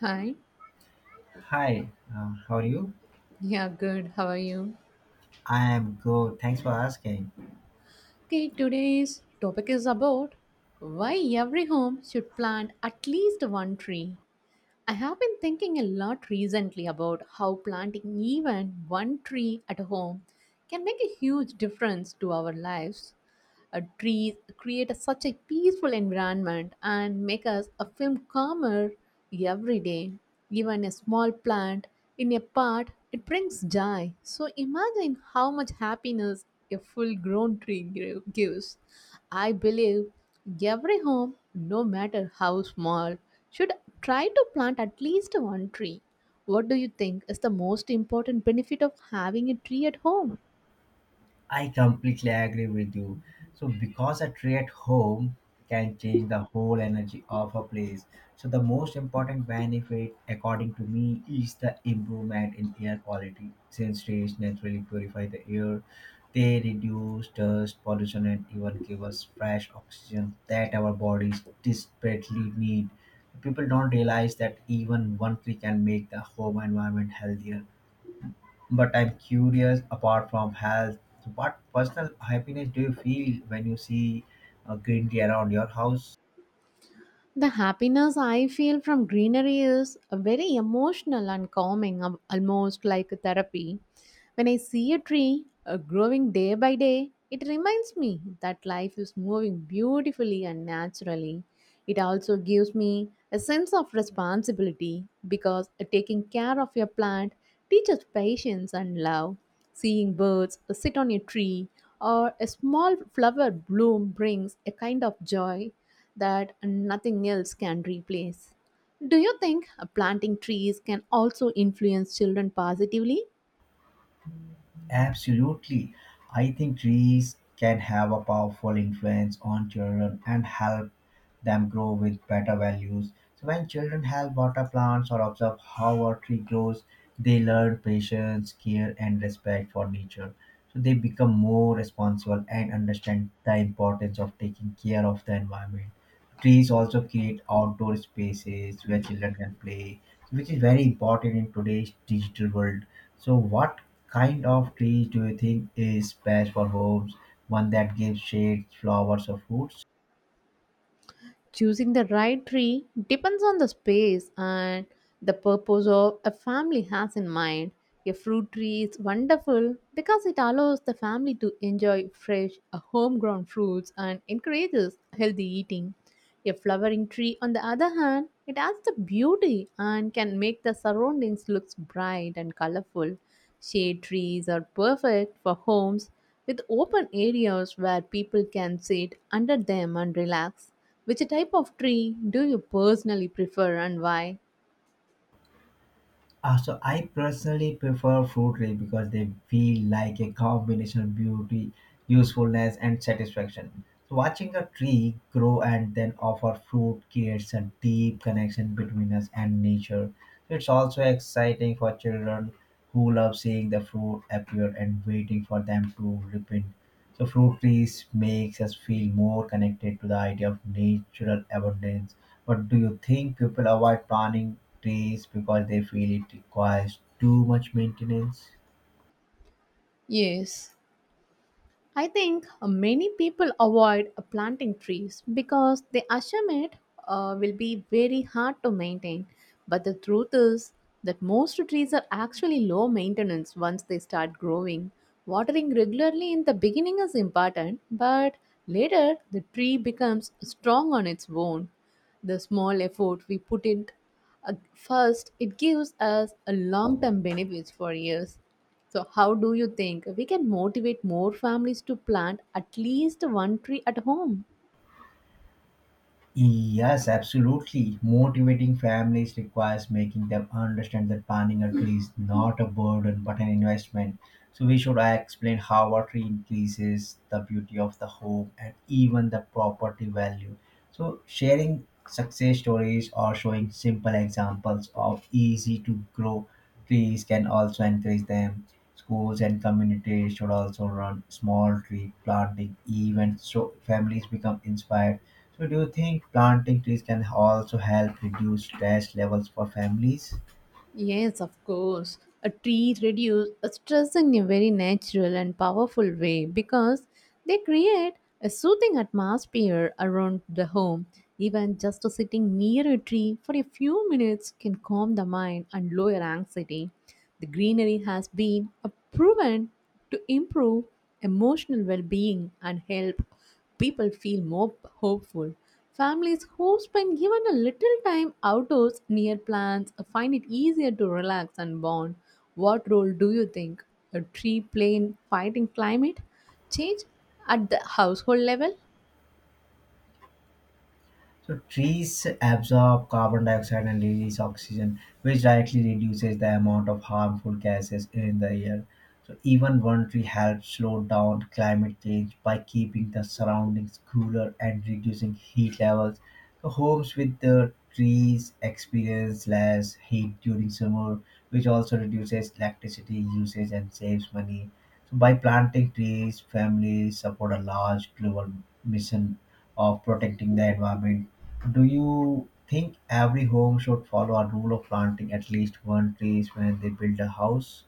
Hi. Hi, how are you? Yeah, good. How are you? I am good. Thanks for asking. Okay, today's topic is about why every home should plant at least one tree. I have been thinking a lot recently about how planting even one tree at home can make a huge difference to our lives. Trees create such a peaceful environment and make us a film calmer every day. Even a small plant in a pot, it brings joy. So imagine how much happiness a full-grown tree gives. I believe every home, no matter how small, should try to plant at least one tree. What do you think is the most important benefit of having a tree at home? I completely agree with you. So because a tree at home can change the whole energy of a place. So the most important benefit, according to me, is the improvement in air quality. Since trees naturally purify the air, they reduce dust pollution and even give us fresh oxygen that our bodies desperately need. People don't realize that even one tree can make the home environment healthier, but I'm curious, apart from health, what personal happiness do you feel when you see a green tea around your house? The happiness I feel from greenery is very emotional and calming, almost like a therapy. When I see a tree growing day by day, it reminds me that life is moving beautifully and naturally. It also gives me a sense of responsibility because taking care of your plant teaches patience and love. Seeing birds sit on a tree or a small flower bloom brings a kind of joy that nothing else can replace. Do you think planting trees can also influence children positively? Absolutely. I think trees can have a powerful influence on children and help them grow with better values. So when children help water plants or observe how a tree grows, they learn patience, care and respect for nature. So they become more responsible and understand the importance of taking care of the environment. Trees also create outdoor spaces where children can play, which is very important in today's digital world. So, what kind of trees do you think is best for homes? One that gives shade, flowers, or fruits? Choosing the right tree depends on the space and the purpose of a family has in mind. A fruit tree is wonderful because it allows the family to enjoy fresh, homegrown fruits and encourages healthy eating. A flowering tree, on the other hand, it adds the beauty and can make the surroundings look bright and colorful. Shade trees are perfect for homes with open areas where people can sit under them and relax. Which type of tree do you personally prefer and why? So I personally prefer fruit trees because they feel like a combination of beauty, usefulness, and satisfaction. So, watching a tree grow and then offer fruit creates a deep connection between us and nature. It's also exciting for children who love seeing the fruit appear and waiting for them to ripen, so fruit trees makes us feel more connected to the idea of natural abundance. But do you think people avoid planting trees because they feel it requires too much maintenance? Yes. I think many people avoid planting trees because they assume it will be very hard to maintain. But the truth is that most trees are actually low maintenance once they start growing. Watering regularly in the beginning is important, but later the tree becomes strong on its own. The small effort we put in first, it gives us a long term benefits for years. So, how do you think we can motivate more families to plant at least one tree at home? Yes, absolutely. Motivating families requires making them understand that planting a tree is not a burden but an investment. So we should explain how a tree increases the beauty of the home and even the property value. So sharing success stories or showing simple examples of easy to grow trees can also encourage them. Schools and communities should also run small tree planting events so families become inspired. So do you think planting trees can also help reduce stress levels for families? Yes, of course. A tree reduce a stress in a very natural and powerful way because they create a soothing atmosphere around the home. Even just sitting near a tree for a few minutes can calm the mind and lower anxiety. The greenery has been proven to improve emotional well being and help people feel more hopeful. Families who spend even a little time outdoors near plants find it easier to relax and bond. What role do you think a tree play in fighting climate change at the household level? So trees absorb carbon dioxide and release oxygen, which directly reduces the amount of harmful gases in the air. So even one tree helps slow down climate change by keeping the surroundings cooler and reducing heat levels. So homes with the trees experience less heat during summer, which also reduces electricity usage and saves money. So by planting trees, families support a large global mission of protecting the environment. Do you think every home should follow a rule of planting at least one tree when they build a house?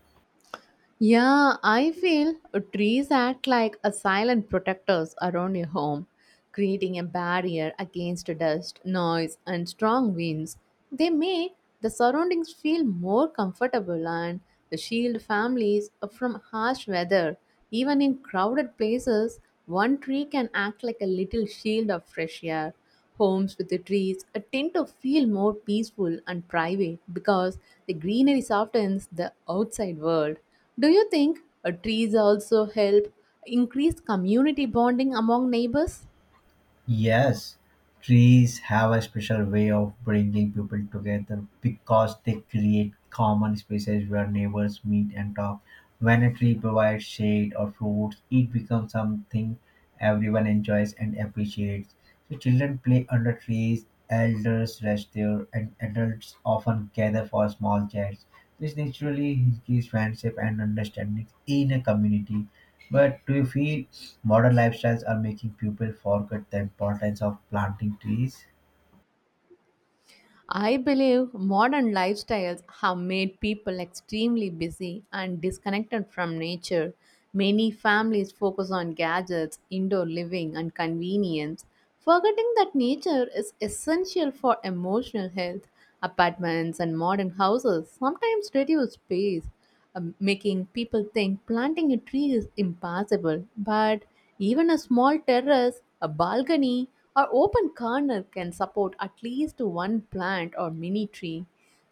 Yeah, I feel trees act like a silent protectors around your home, creating a barrier against dust, noise, and strong winds. They make the surroundings feel more comfortable and shield families from harsh weather. Even in crowded places, one tree can act like a little shield of fresh air. Homes with the trees tend to feel more peaceful and private because the greenery softens the outside world. Do you think trees also help increase community bonding among neighbors? Yes, trees have a special way of bringing people together because they create common spaces where neighbors meet and talk. When a tree provides shade or fruits, it becomes something everyone enjoys and appreciates. So children play under trees, elders rest there, and adults often gather for small chats. This naturally gives friendship and understanding in a community. But do you feel modern lifestyles are making people forget the importance of planting trees? I believe modern lifestyles have made people extremely busy and disconnected from nature. Many families focus on gadgets, indoor living, and convenience, forgetting that nature is essential for emotional health. Apartments and modern houses sometimes reduce space, making people think planting a tree is impossible, but even a small terrace, a balcony, or open corner can support at least one plant or mini tree.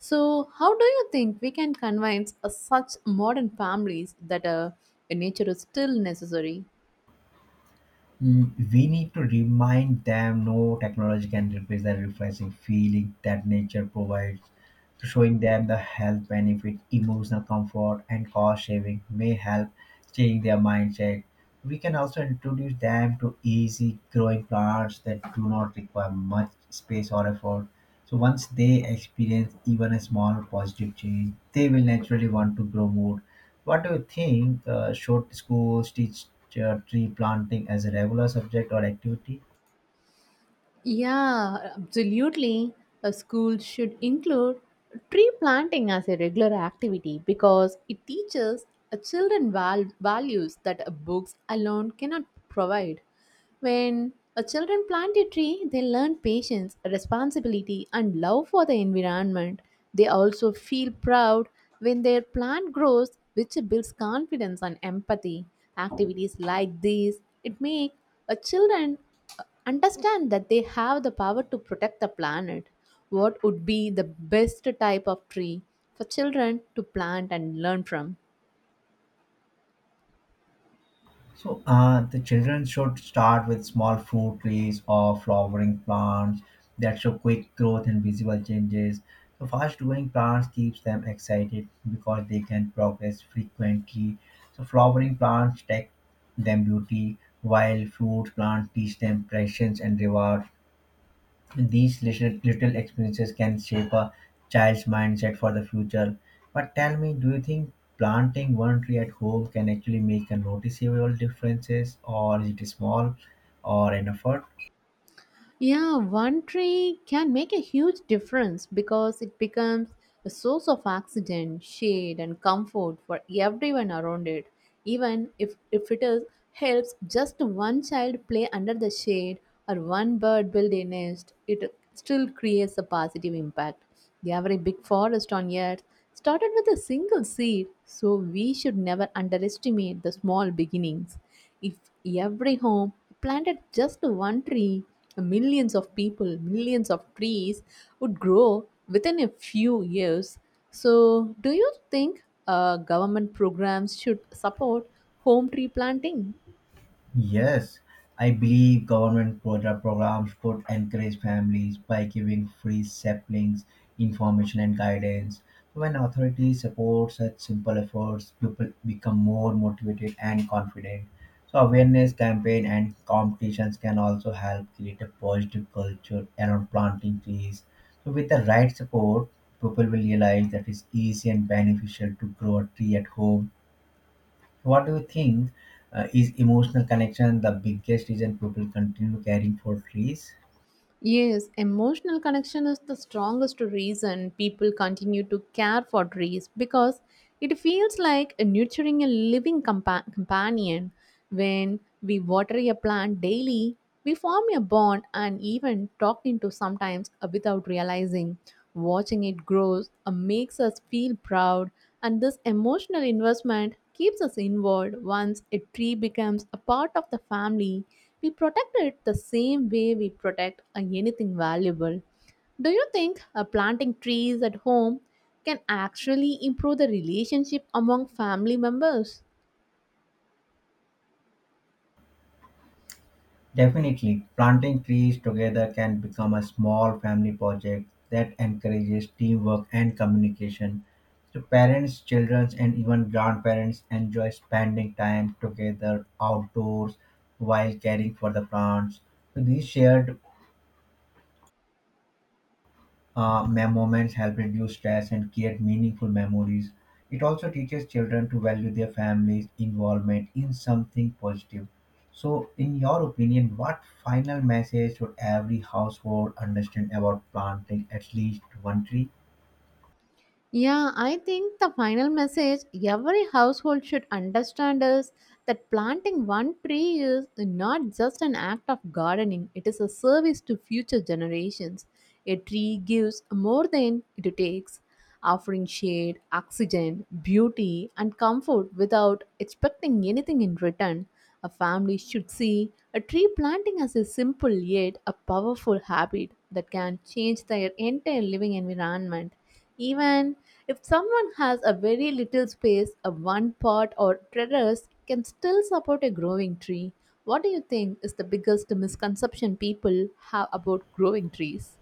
So, how do you think we can convince such modern families that nature is still necessary? Mm, we need to remind them no technology can replace the refreshing feeling that nature provides. Showing them the health benefit, emotional comfort, and cost saving may help change their mindset. We can also introduce them to easy growing plants that do not require much space or effort. So once they experience even a small positive change, they will naturally want to grow more. What do you think? Should schools teach tree planting as a regular subject or activity? Yeah, absolutely. A school should include tree planting as a regular activity because it teaches a children values that a books alone cannot provide. When a children plant a tree, they learn patience, responsibility, and love for the environment. They also feel proud when their plant grows, which builds confidence and empathy. Activities like these it make a children understand that they have the power to protect the planet. What would be the best type of tree for children to plant and learn from? So, the children should start with small fruit trees or flowering plants that show quick growth and visible changes. So, fast growing plants keeps them excited because they can progress frequently. So, flowering plants take them beauty, while fruit plants teach them patience and reward. These little, little experiences can shape a child's mindset for the future. But tell me, do you think planting one tree at home can actually make a noticeable differences, or is it small or an effort? Yeah, one tree can make a huge difference because it becomes a source of oxygen, shade, and comfort for everyone around it. Even if it is, helps just one child play under the shade or one bird build a nest, it still creates a positive impact. Every big forest on earth started with a single seed, so we should never underestimate the small beginnings. If every home planted just one tree, millions of people, millions of trees would grow within a few years. So, do you think government programs should support home tree planting? Yes, I believe government programs could encourage families by giving free saplings, information, and guidance. When authorities support such simple efforts, people become more motivated and confident. So awareness campaign and competitions can also help create a positive culture around planting trees. So with the right support, people will realize that it's easy and beneficial to grow a tree at home. What do you think, is emotional connection the biggest reason people continue caring for trees? Yes, emotional connection is the strongest reason people continue to care for trees because it feels like nurturing a living companion. When we water a plant daily, we form a bond and even talk into sometimes without realizing. Watching it grow makes us feel proud, and this emotional investment keeps us involved. Once a tree becomes a part of the family, we protect it the same way we protect anything valuable. Do you think planting trees at home can actually improve the relationship among family members? Definitely, planting trees together can become a small family project that encourages teamwork and communication. So, parents, children, and even grandparents enjoy spending time together outdoors while caring for the plants. So, these shared moments help reduce stress and create meaningful memories. It also teaches children to value their family's involvement in something positive. So, in your opinion, what final message should every household understand about planting at least one tree? Yeah, I think the final message every household should understand is that planting one tree is not just an act of gardening, it is a service to future generations. A tree gives more than it takes, offering shade, oxygen, beauty, and comfort without expecting anything in return. A family should see a tree planting as a simple yet a powerful habit that can change their entire living environment. Even if someone has a very little space, a one pot or terrace can still support a growing tree. What do you think is the biggest misconception people have about growing trees?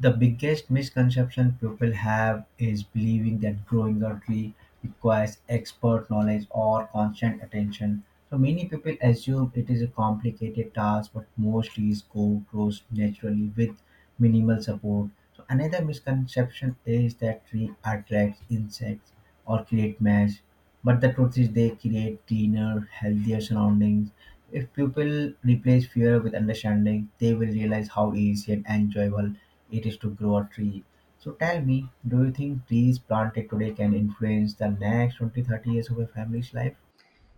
The biggest misconception people have is believing that growing a tree requires expert knowledge or constant attention. So many people assume it is a complicated task, but most trees go grows naturally with minimal support. So another misconception is that tree attracts insects or create mass. But the truth is, they create cleaner, healthier surroundings. If people replace fear with understanding, they will realize how easy and enjoyable it is to grow a tree. So tell me, do you think trees planted today can influence the next 20 30 years of a family's life?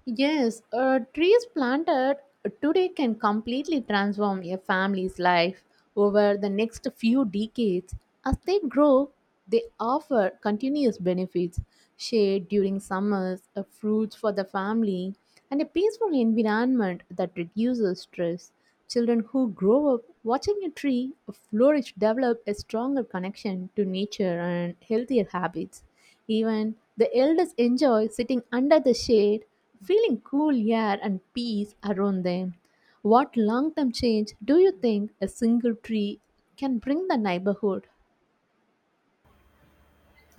Yes, trees planted today can completely transform a family's life over the next few decades. As they grow, they offer continuous benefits shade during summers, fruits for the family, and a peaceful environment that reduces stress. Children who grow up watching a tree flourish develop a stronger connection to nature and healthier habits. Even the elders enjoy sitting under the shade, feeling cool air and peace around them. What long term change do you think a single tree can bring the neighborhood?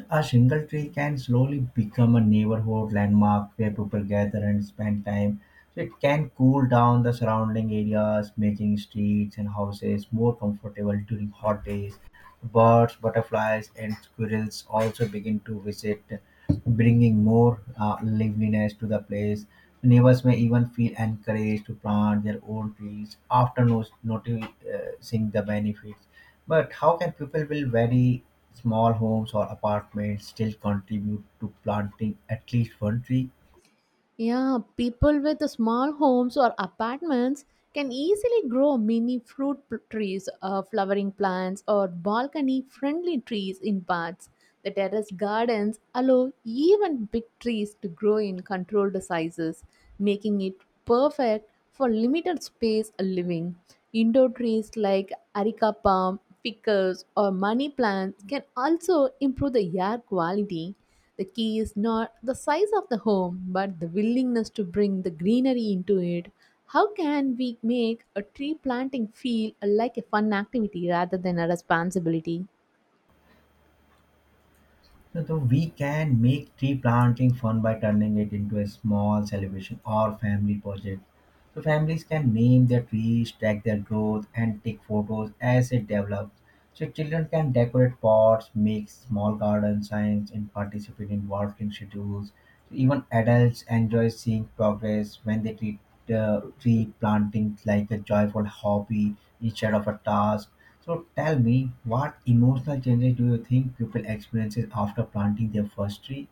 A single tree can slowly become a neighborhood landmark where people gather and spend time. So it can cool down the surrounding areas, making streets and houses more comfortable during hot days. Birds, butterflies, and squirrels also begin to visit, bringing more liveliness to the place. Neighbors may even feel encouraged to plant their own trees after noticing the benefits. But how can people with very small homes or apartments still contribute to planting at least one tree? Yeah, people with small homes or apartments can easily grow mini fruit trees, flowering plants, or balcony friendly trees in pots. The terrace gardens allow even big trees to grow in controlled sizes, making it perfect for limited space living. Indoor trees like areca palm, ficus, or money plants can also improve the air quality the key is not the size of the home, but the willingness to bring the greenery into it. How can we make a tree planting feel like a fun activity rather than a responsibility? So, though we can make tree planting fun by turning it into a small celebration or family project. So families can name their trees, track their growth, and take photos as it develops. So children can decorate pots, make small garden signs, and participate in watering schedules. So even adults enjoy seeing progress when they treat tree planting like a joyful hobby instead of a task. So tell me, what emotional changes do you think people experiences after planting their first tree?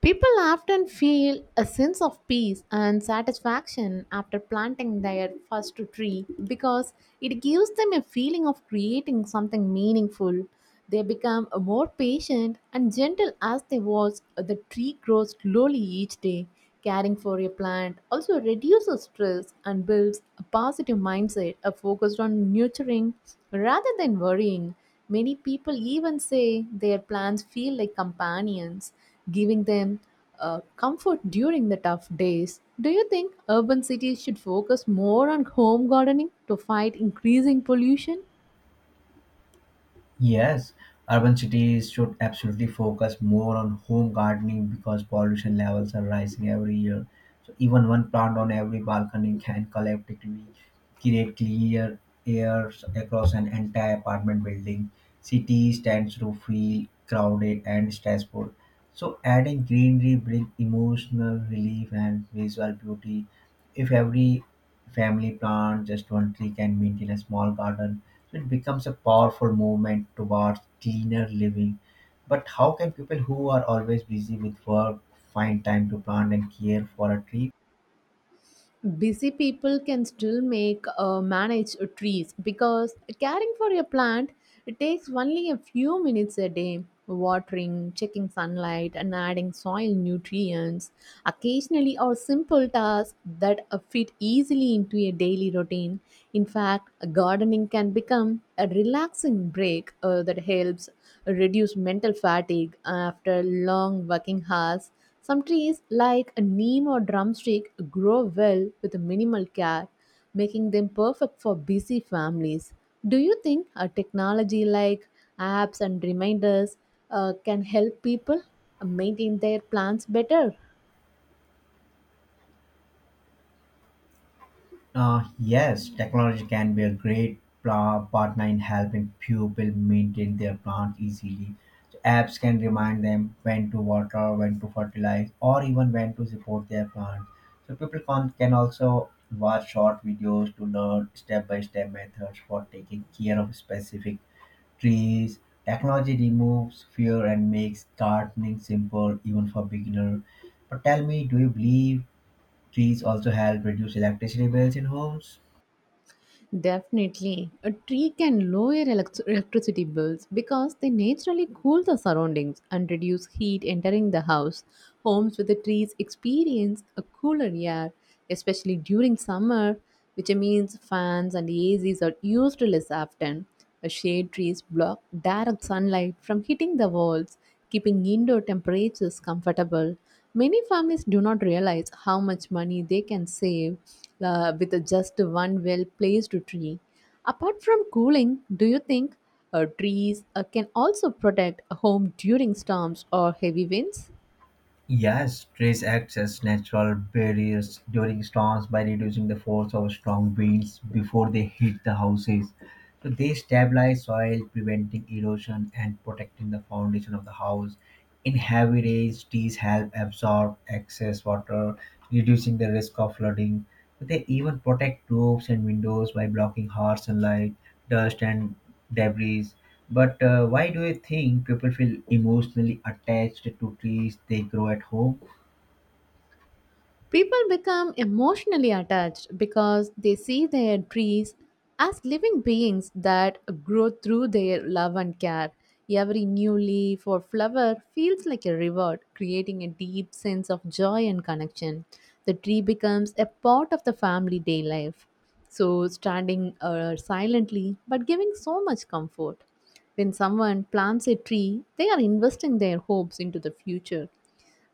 People often feel a sense of peace and satisfaction after planting their first tree because it gives them a feeling of creating something meaningful. They become more patient and gentle as they watch the tree grow slowly each day. Caring for a plant also reduces stress and builds a positive mindset a focused on nurturing rather than worrying. Many people even say their plants feel like companions giving them comfort during the tough days. Do you think urban cities should focus more on home gardening to fight increasing pollution? Yes, urban cities should absolutely focus more on home gardening because pollution levels are rising every year. So even one plant on every balcony can collectively create clear air across an entire apartment building. Cities tend to feel crowded and stressful. So adding greenery brings emotional relief and visual beauty. If every family plant, just one tree can maintain a small garden. So it becomes a powerful movement towards cleaner living. But how can people who are always busy with work find time to plant and care for a tree? Busy people can still make manage trees because caring for your plant it takes only a few minutes a day watering checking sunlight and adding soil nutrients occasionally are simple tasks that fit easily into a daily routine in fact gardening can become a relaxing break that helps reduce mental fatigue after long working hours some trees, like a neem or drumstick, grow well with minimal care, making them perfect for busy families. Do you think a technology like apps and reminders can help people maintain their plants better? Yes, technology can be a great partner in helping people maintain their plants easily. So apps can remind them when to water, when to fertilize, or even when to support their plants. So people can also watch short videos to learn step-by-step methods for taking care of specific trees. Technology removes fear and makes gardening simple even for beginners. But tell me, do you believe trees also help reduce electricity bills in homes? Definitely. A tree can lower electricity bills because they naturally cool the surroundings and reduce heat entering the house. Homes with the trees experience a cooler air, especially during summer, which means fans and ACs are used less often. A shade trees block direct sunlight from hitting the walls, keeping indoor temperatures comfortable. Many families do not realize how much money they can save with just one well placed tree. Apart from cooling, do you think trees can also protect a home during storms or heavy winds? Yes, trees act as natural barriers during storms by reducing the force of strong winds before they hit the houses. So they stabilize soil, preventing erosion and protecting the foundation of the house. In heavy rains, trees help absorb excess water, reducing the risk of flooding. So they even protect roofs and windows by blocking harsh sunlight, dust, and debris. But why do you think people feel emotionally attached to trees they grow at home? People become emotionally attached because they see their trees as living beings that grow through their love and care. Every new leaf or flower feels like a reward, creating a deep sense of joy and connection. The tree becomes a part of the family day life. So, standing silently but giving so much comfort. When someone plants a tree, they are investing their hopes into the future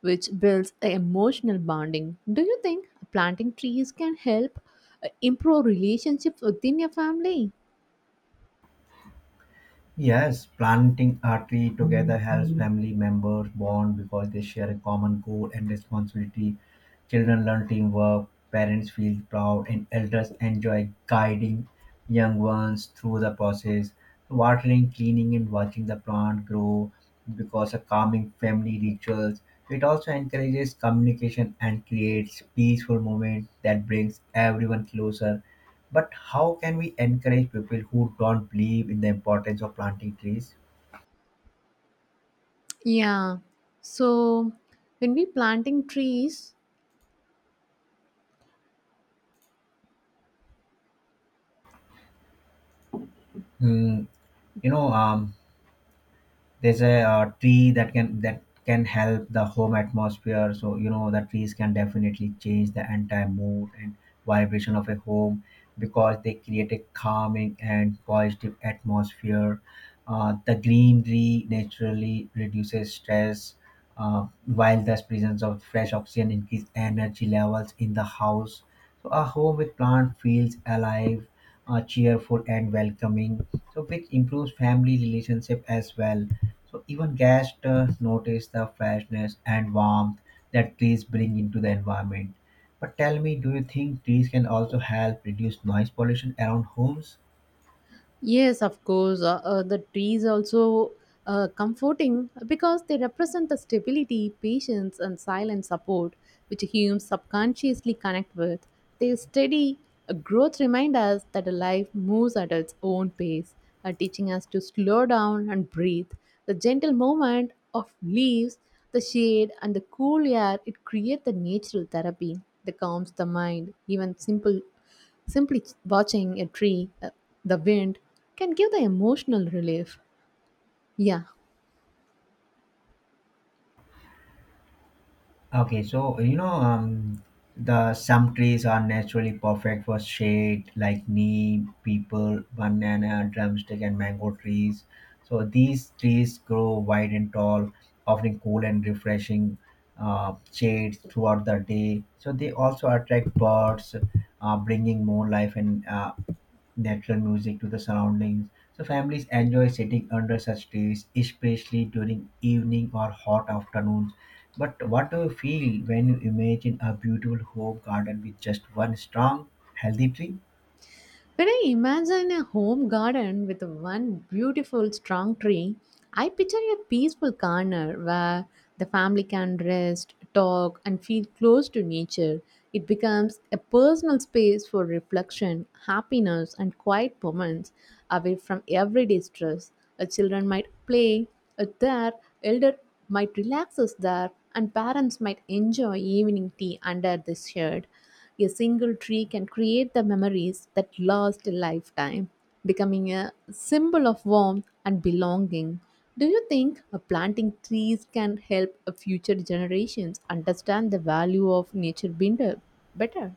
which builds a emotional bonding. Do you think planting trees can help improve relationships within your family? Yes, planting a tree together helps family members bond because they share a common goal and responsibility. Children learn teamwork, parents feel proud, and elders enjoy guiding young ones through the process. Watering, cleaning, and watching the plant grow because of calming family rituals. It also encourages communication and creates peaceful moments that brings everyone closer. But how can we encourage people who don't believe in the importance of planting trees? Yeah. So when we planting trees, Mm, you know, um, there's a tree that can help the home atmosphere, so the trees can definitely change the entire mood and vibration of a home because they create a calming and positive atmosphere. The greenery naturally reduces stress while the presence of fresh oxygen increase energy levels in the house, so a home with plant feels alive, cheerful and welcoming, so which improves family relationship as well, so even guests notice the freshness and warmth that trees bring into the environment. But tell me, do you think trees can also help reduce noise pollution around homes? yes, of course. The trees also comforting because they represent the stability, patience, and silent support which humans subconsciously connect with. Their steady growth remind us that life moves at its own pace, teaching us to slow down and breathe. The gentle movement of leaves, the shade, and the cool air it creates the natural therapy that calms the mind. Even simple simply watching a tree, the wind, can give the emotional relief. Yeah, Okay, so you know, the some trees are naturally perfect for shade, like neem, people, banana, drumstick, and mango trees. So these trees grow wide and tall, offering cool and refreshing shades throughout the day. So they also attract birds, bringing more life and natural music to the surroundings. So families enjoy sitting under such trees, especially during evening or hot afternoons. But what do you feel when you imagine a beautiful home garden with just one strong, healthy tree? when I imagine a home garden with one beautiful strong tree, I picture a peaceful corner where the family can rest, talk, and feel close to nature. It becomes a personal space for reflection, happiness, and quiet moments away from everyday stress. A children might play there, elder might relax us there, and parents might enjoy evening tea under the shade. A single tree can create the memories that last a lifetime, becoming a symbol of warmth and belonging. Do you think planting trees can help future generations understand the value of nature binder better?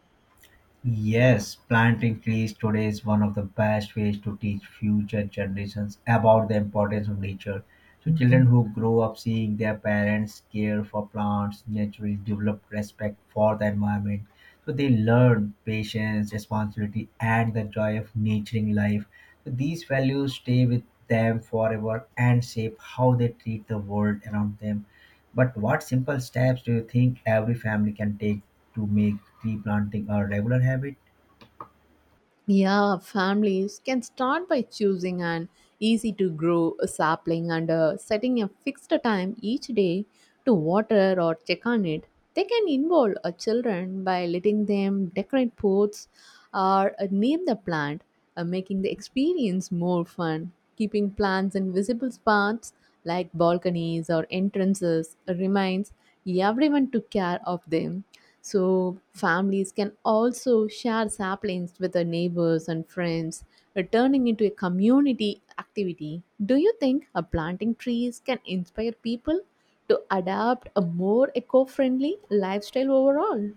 Yes, planting trees today is one of the best ways to teach future generations about the importance of nature. So, children who grow up seeing their parents care for plants naturally develop respect for the environment. So they learn patience, responsibility, and the joy of nurturing life. So these values stay with them forever and shape how they treat the world around them. But what simple steps do you think every family can take to make tree planting a regular habit? Yeah, families can start by choosing an easy to grow sapling and setting a fixed time each day to water or check on it. They can involve children by letting them decorate pots or name the plant, making the experience more fun. Keeping plants in visible spots like balconies or entrances reminds everyone to care of them, so families can also share saplings with their neighbors and friends, turning into a community activity. Do you think planting trees can inspire people to adopt a more eco friendly lifestyle overall?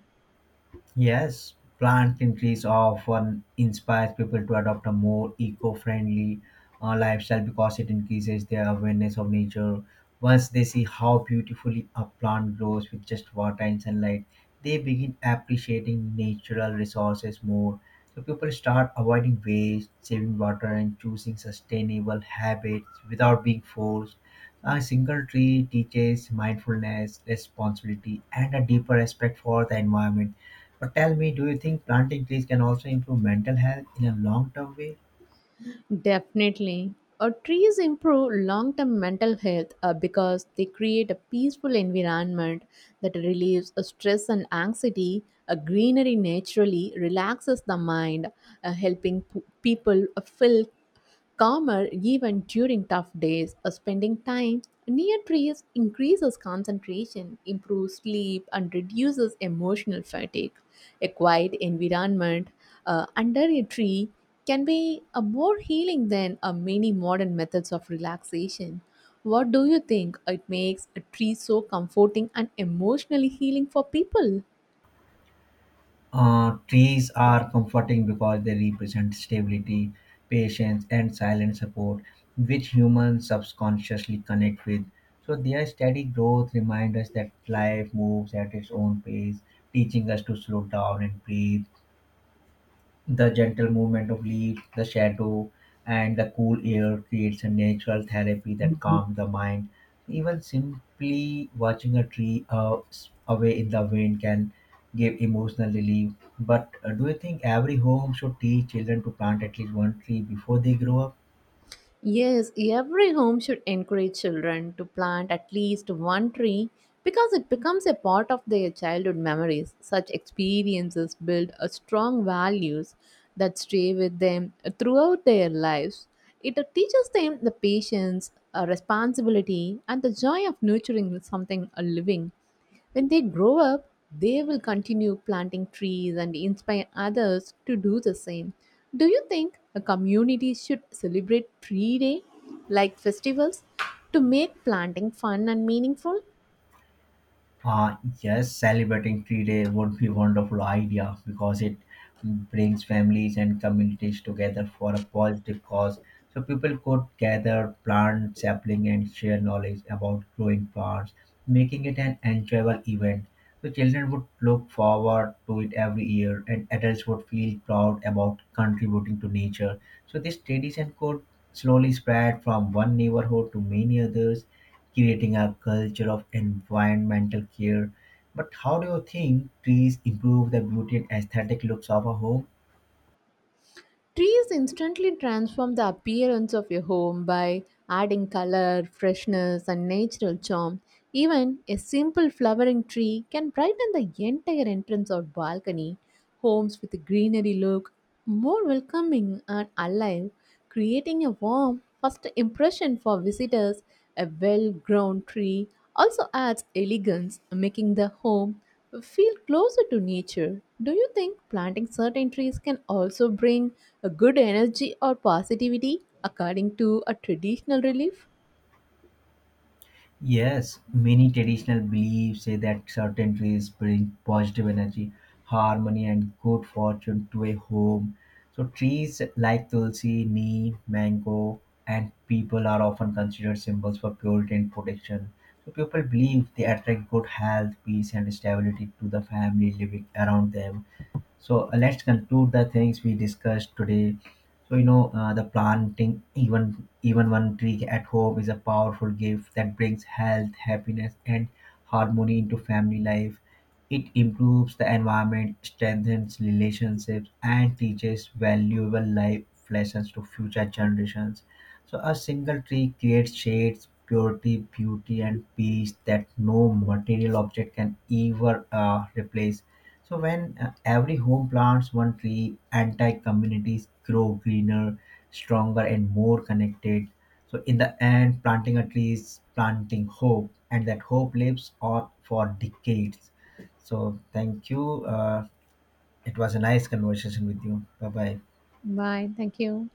Yes, plants and trees often inspires people to adopt a more eco-friendly lifestyle because it increases their awareness of nature. Once they see how beautifully a plant grows with just water and sunlight, they begin appreciating natural resources more. So people start avoiding waste, saving water, and choosing sustainable habits without being forced. A single tree teaches mindfulness, responsibility, and a deeper respect for the environment. But tell me, do you think planting trees can also improve mental health in a long term way? Definitely. Trees improve long term mental health because they create a peaceful environment that relieves stress and anxiety. A greenery naturally relaxes the mind, helping people feel calmer even during tough days. Spending time near trees increases concentration, improves sleep, and reduces emotional fatigue. A quiet environment under a tree can be more healing than many modern methods of relaxation. What do you think it makes a tree so comforting and emotionally healing for people? Trees are comforting because they represent stability, patience, and silent support, which humans subconsciously connect with. So, their steady growth reminds us that life moves at its own pace, teaching us to slow down and breathe. The gentle movement of leaves, the shadow, and the cool air creates a natural therapy that calms the mind. Even simply watching a tree away in the wind can give emotional relief. But do you think every home should teach children to plant at least one tree before they grow up? Yes, every home should encourage children to plant at least one tree because it becomes a part of their childhood memories. Such experiences build a strong values that stay with them throughout their lives. It teaches them the patience, responsibility, and the joy of nurturing something living. When they grow up, they will continue planting trees and inspire others to do the same. Do you think a community should celebrate tree day like festivals to make planting fun and meaningful? Yes, celebrating tree day would be wonderful idea because it brings families and communities together for a positive cause. So people could gather, plant sapling, and share knowledge about growing plants, making it an enjoyable event. The children would look forward to it every year, and adults would feel proud about contributing to nature. So, this tradition could slowly spread from one neighborhood to many others, creating a culture of environmental care. But how do you think trees improve the beauty and aesthetic looks of a home? Trees instantly transform the appearance of your home by adding color, freshness, and natural charm. Even a simple flowering tree can brighten the entire entrance or balcony. Homes with a greenery look more welcoming and alive, creating a warm first impression for visitors. A well grown tree also adds elegance, making the home feel closer to nature. Do you think planting certain trees can also bring a good energy or positivity according to a traditional relief? Yes, many traditional beliefs say that certain trees bring positive energy, harmony, and good fortune to a home. So, trees like tulsi, neem, mango, and people are often considered symbols for purity and protection. So, people believe they attract good health, peace, and stability to the family living around them. So let's conclude the things we discussed today. So you know the Planting even one tree at home is a powerful gift that brings health, happiness, and harmony into family life. It improves the environment, strengthens relationships, and teaches valuable life lessons to future generations. So a single tree creates shades, purity, beauty, and peace that no material object can ever replace. So when every home plants one tree, entire communities grow greener, stronger, and more connected. So in the end, planting a tree is planting hope, and that hope lives on for decades. So thank you. It was a nice conversation with you. Bye bye. Bye. Thank you.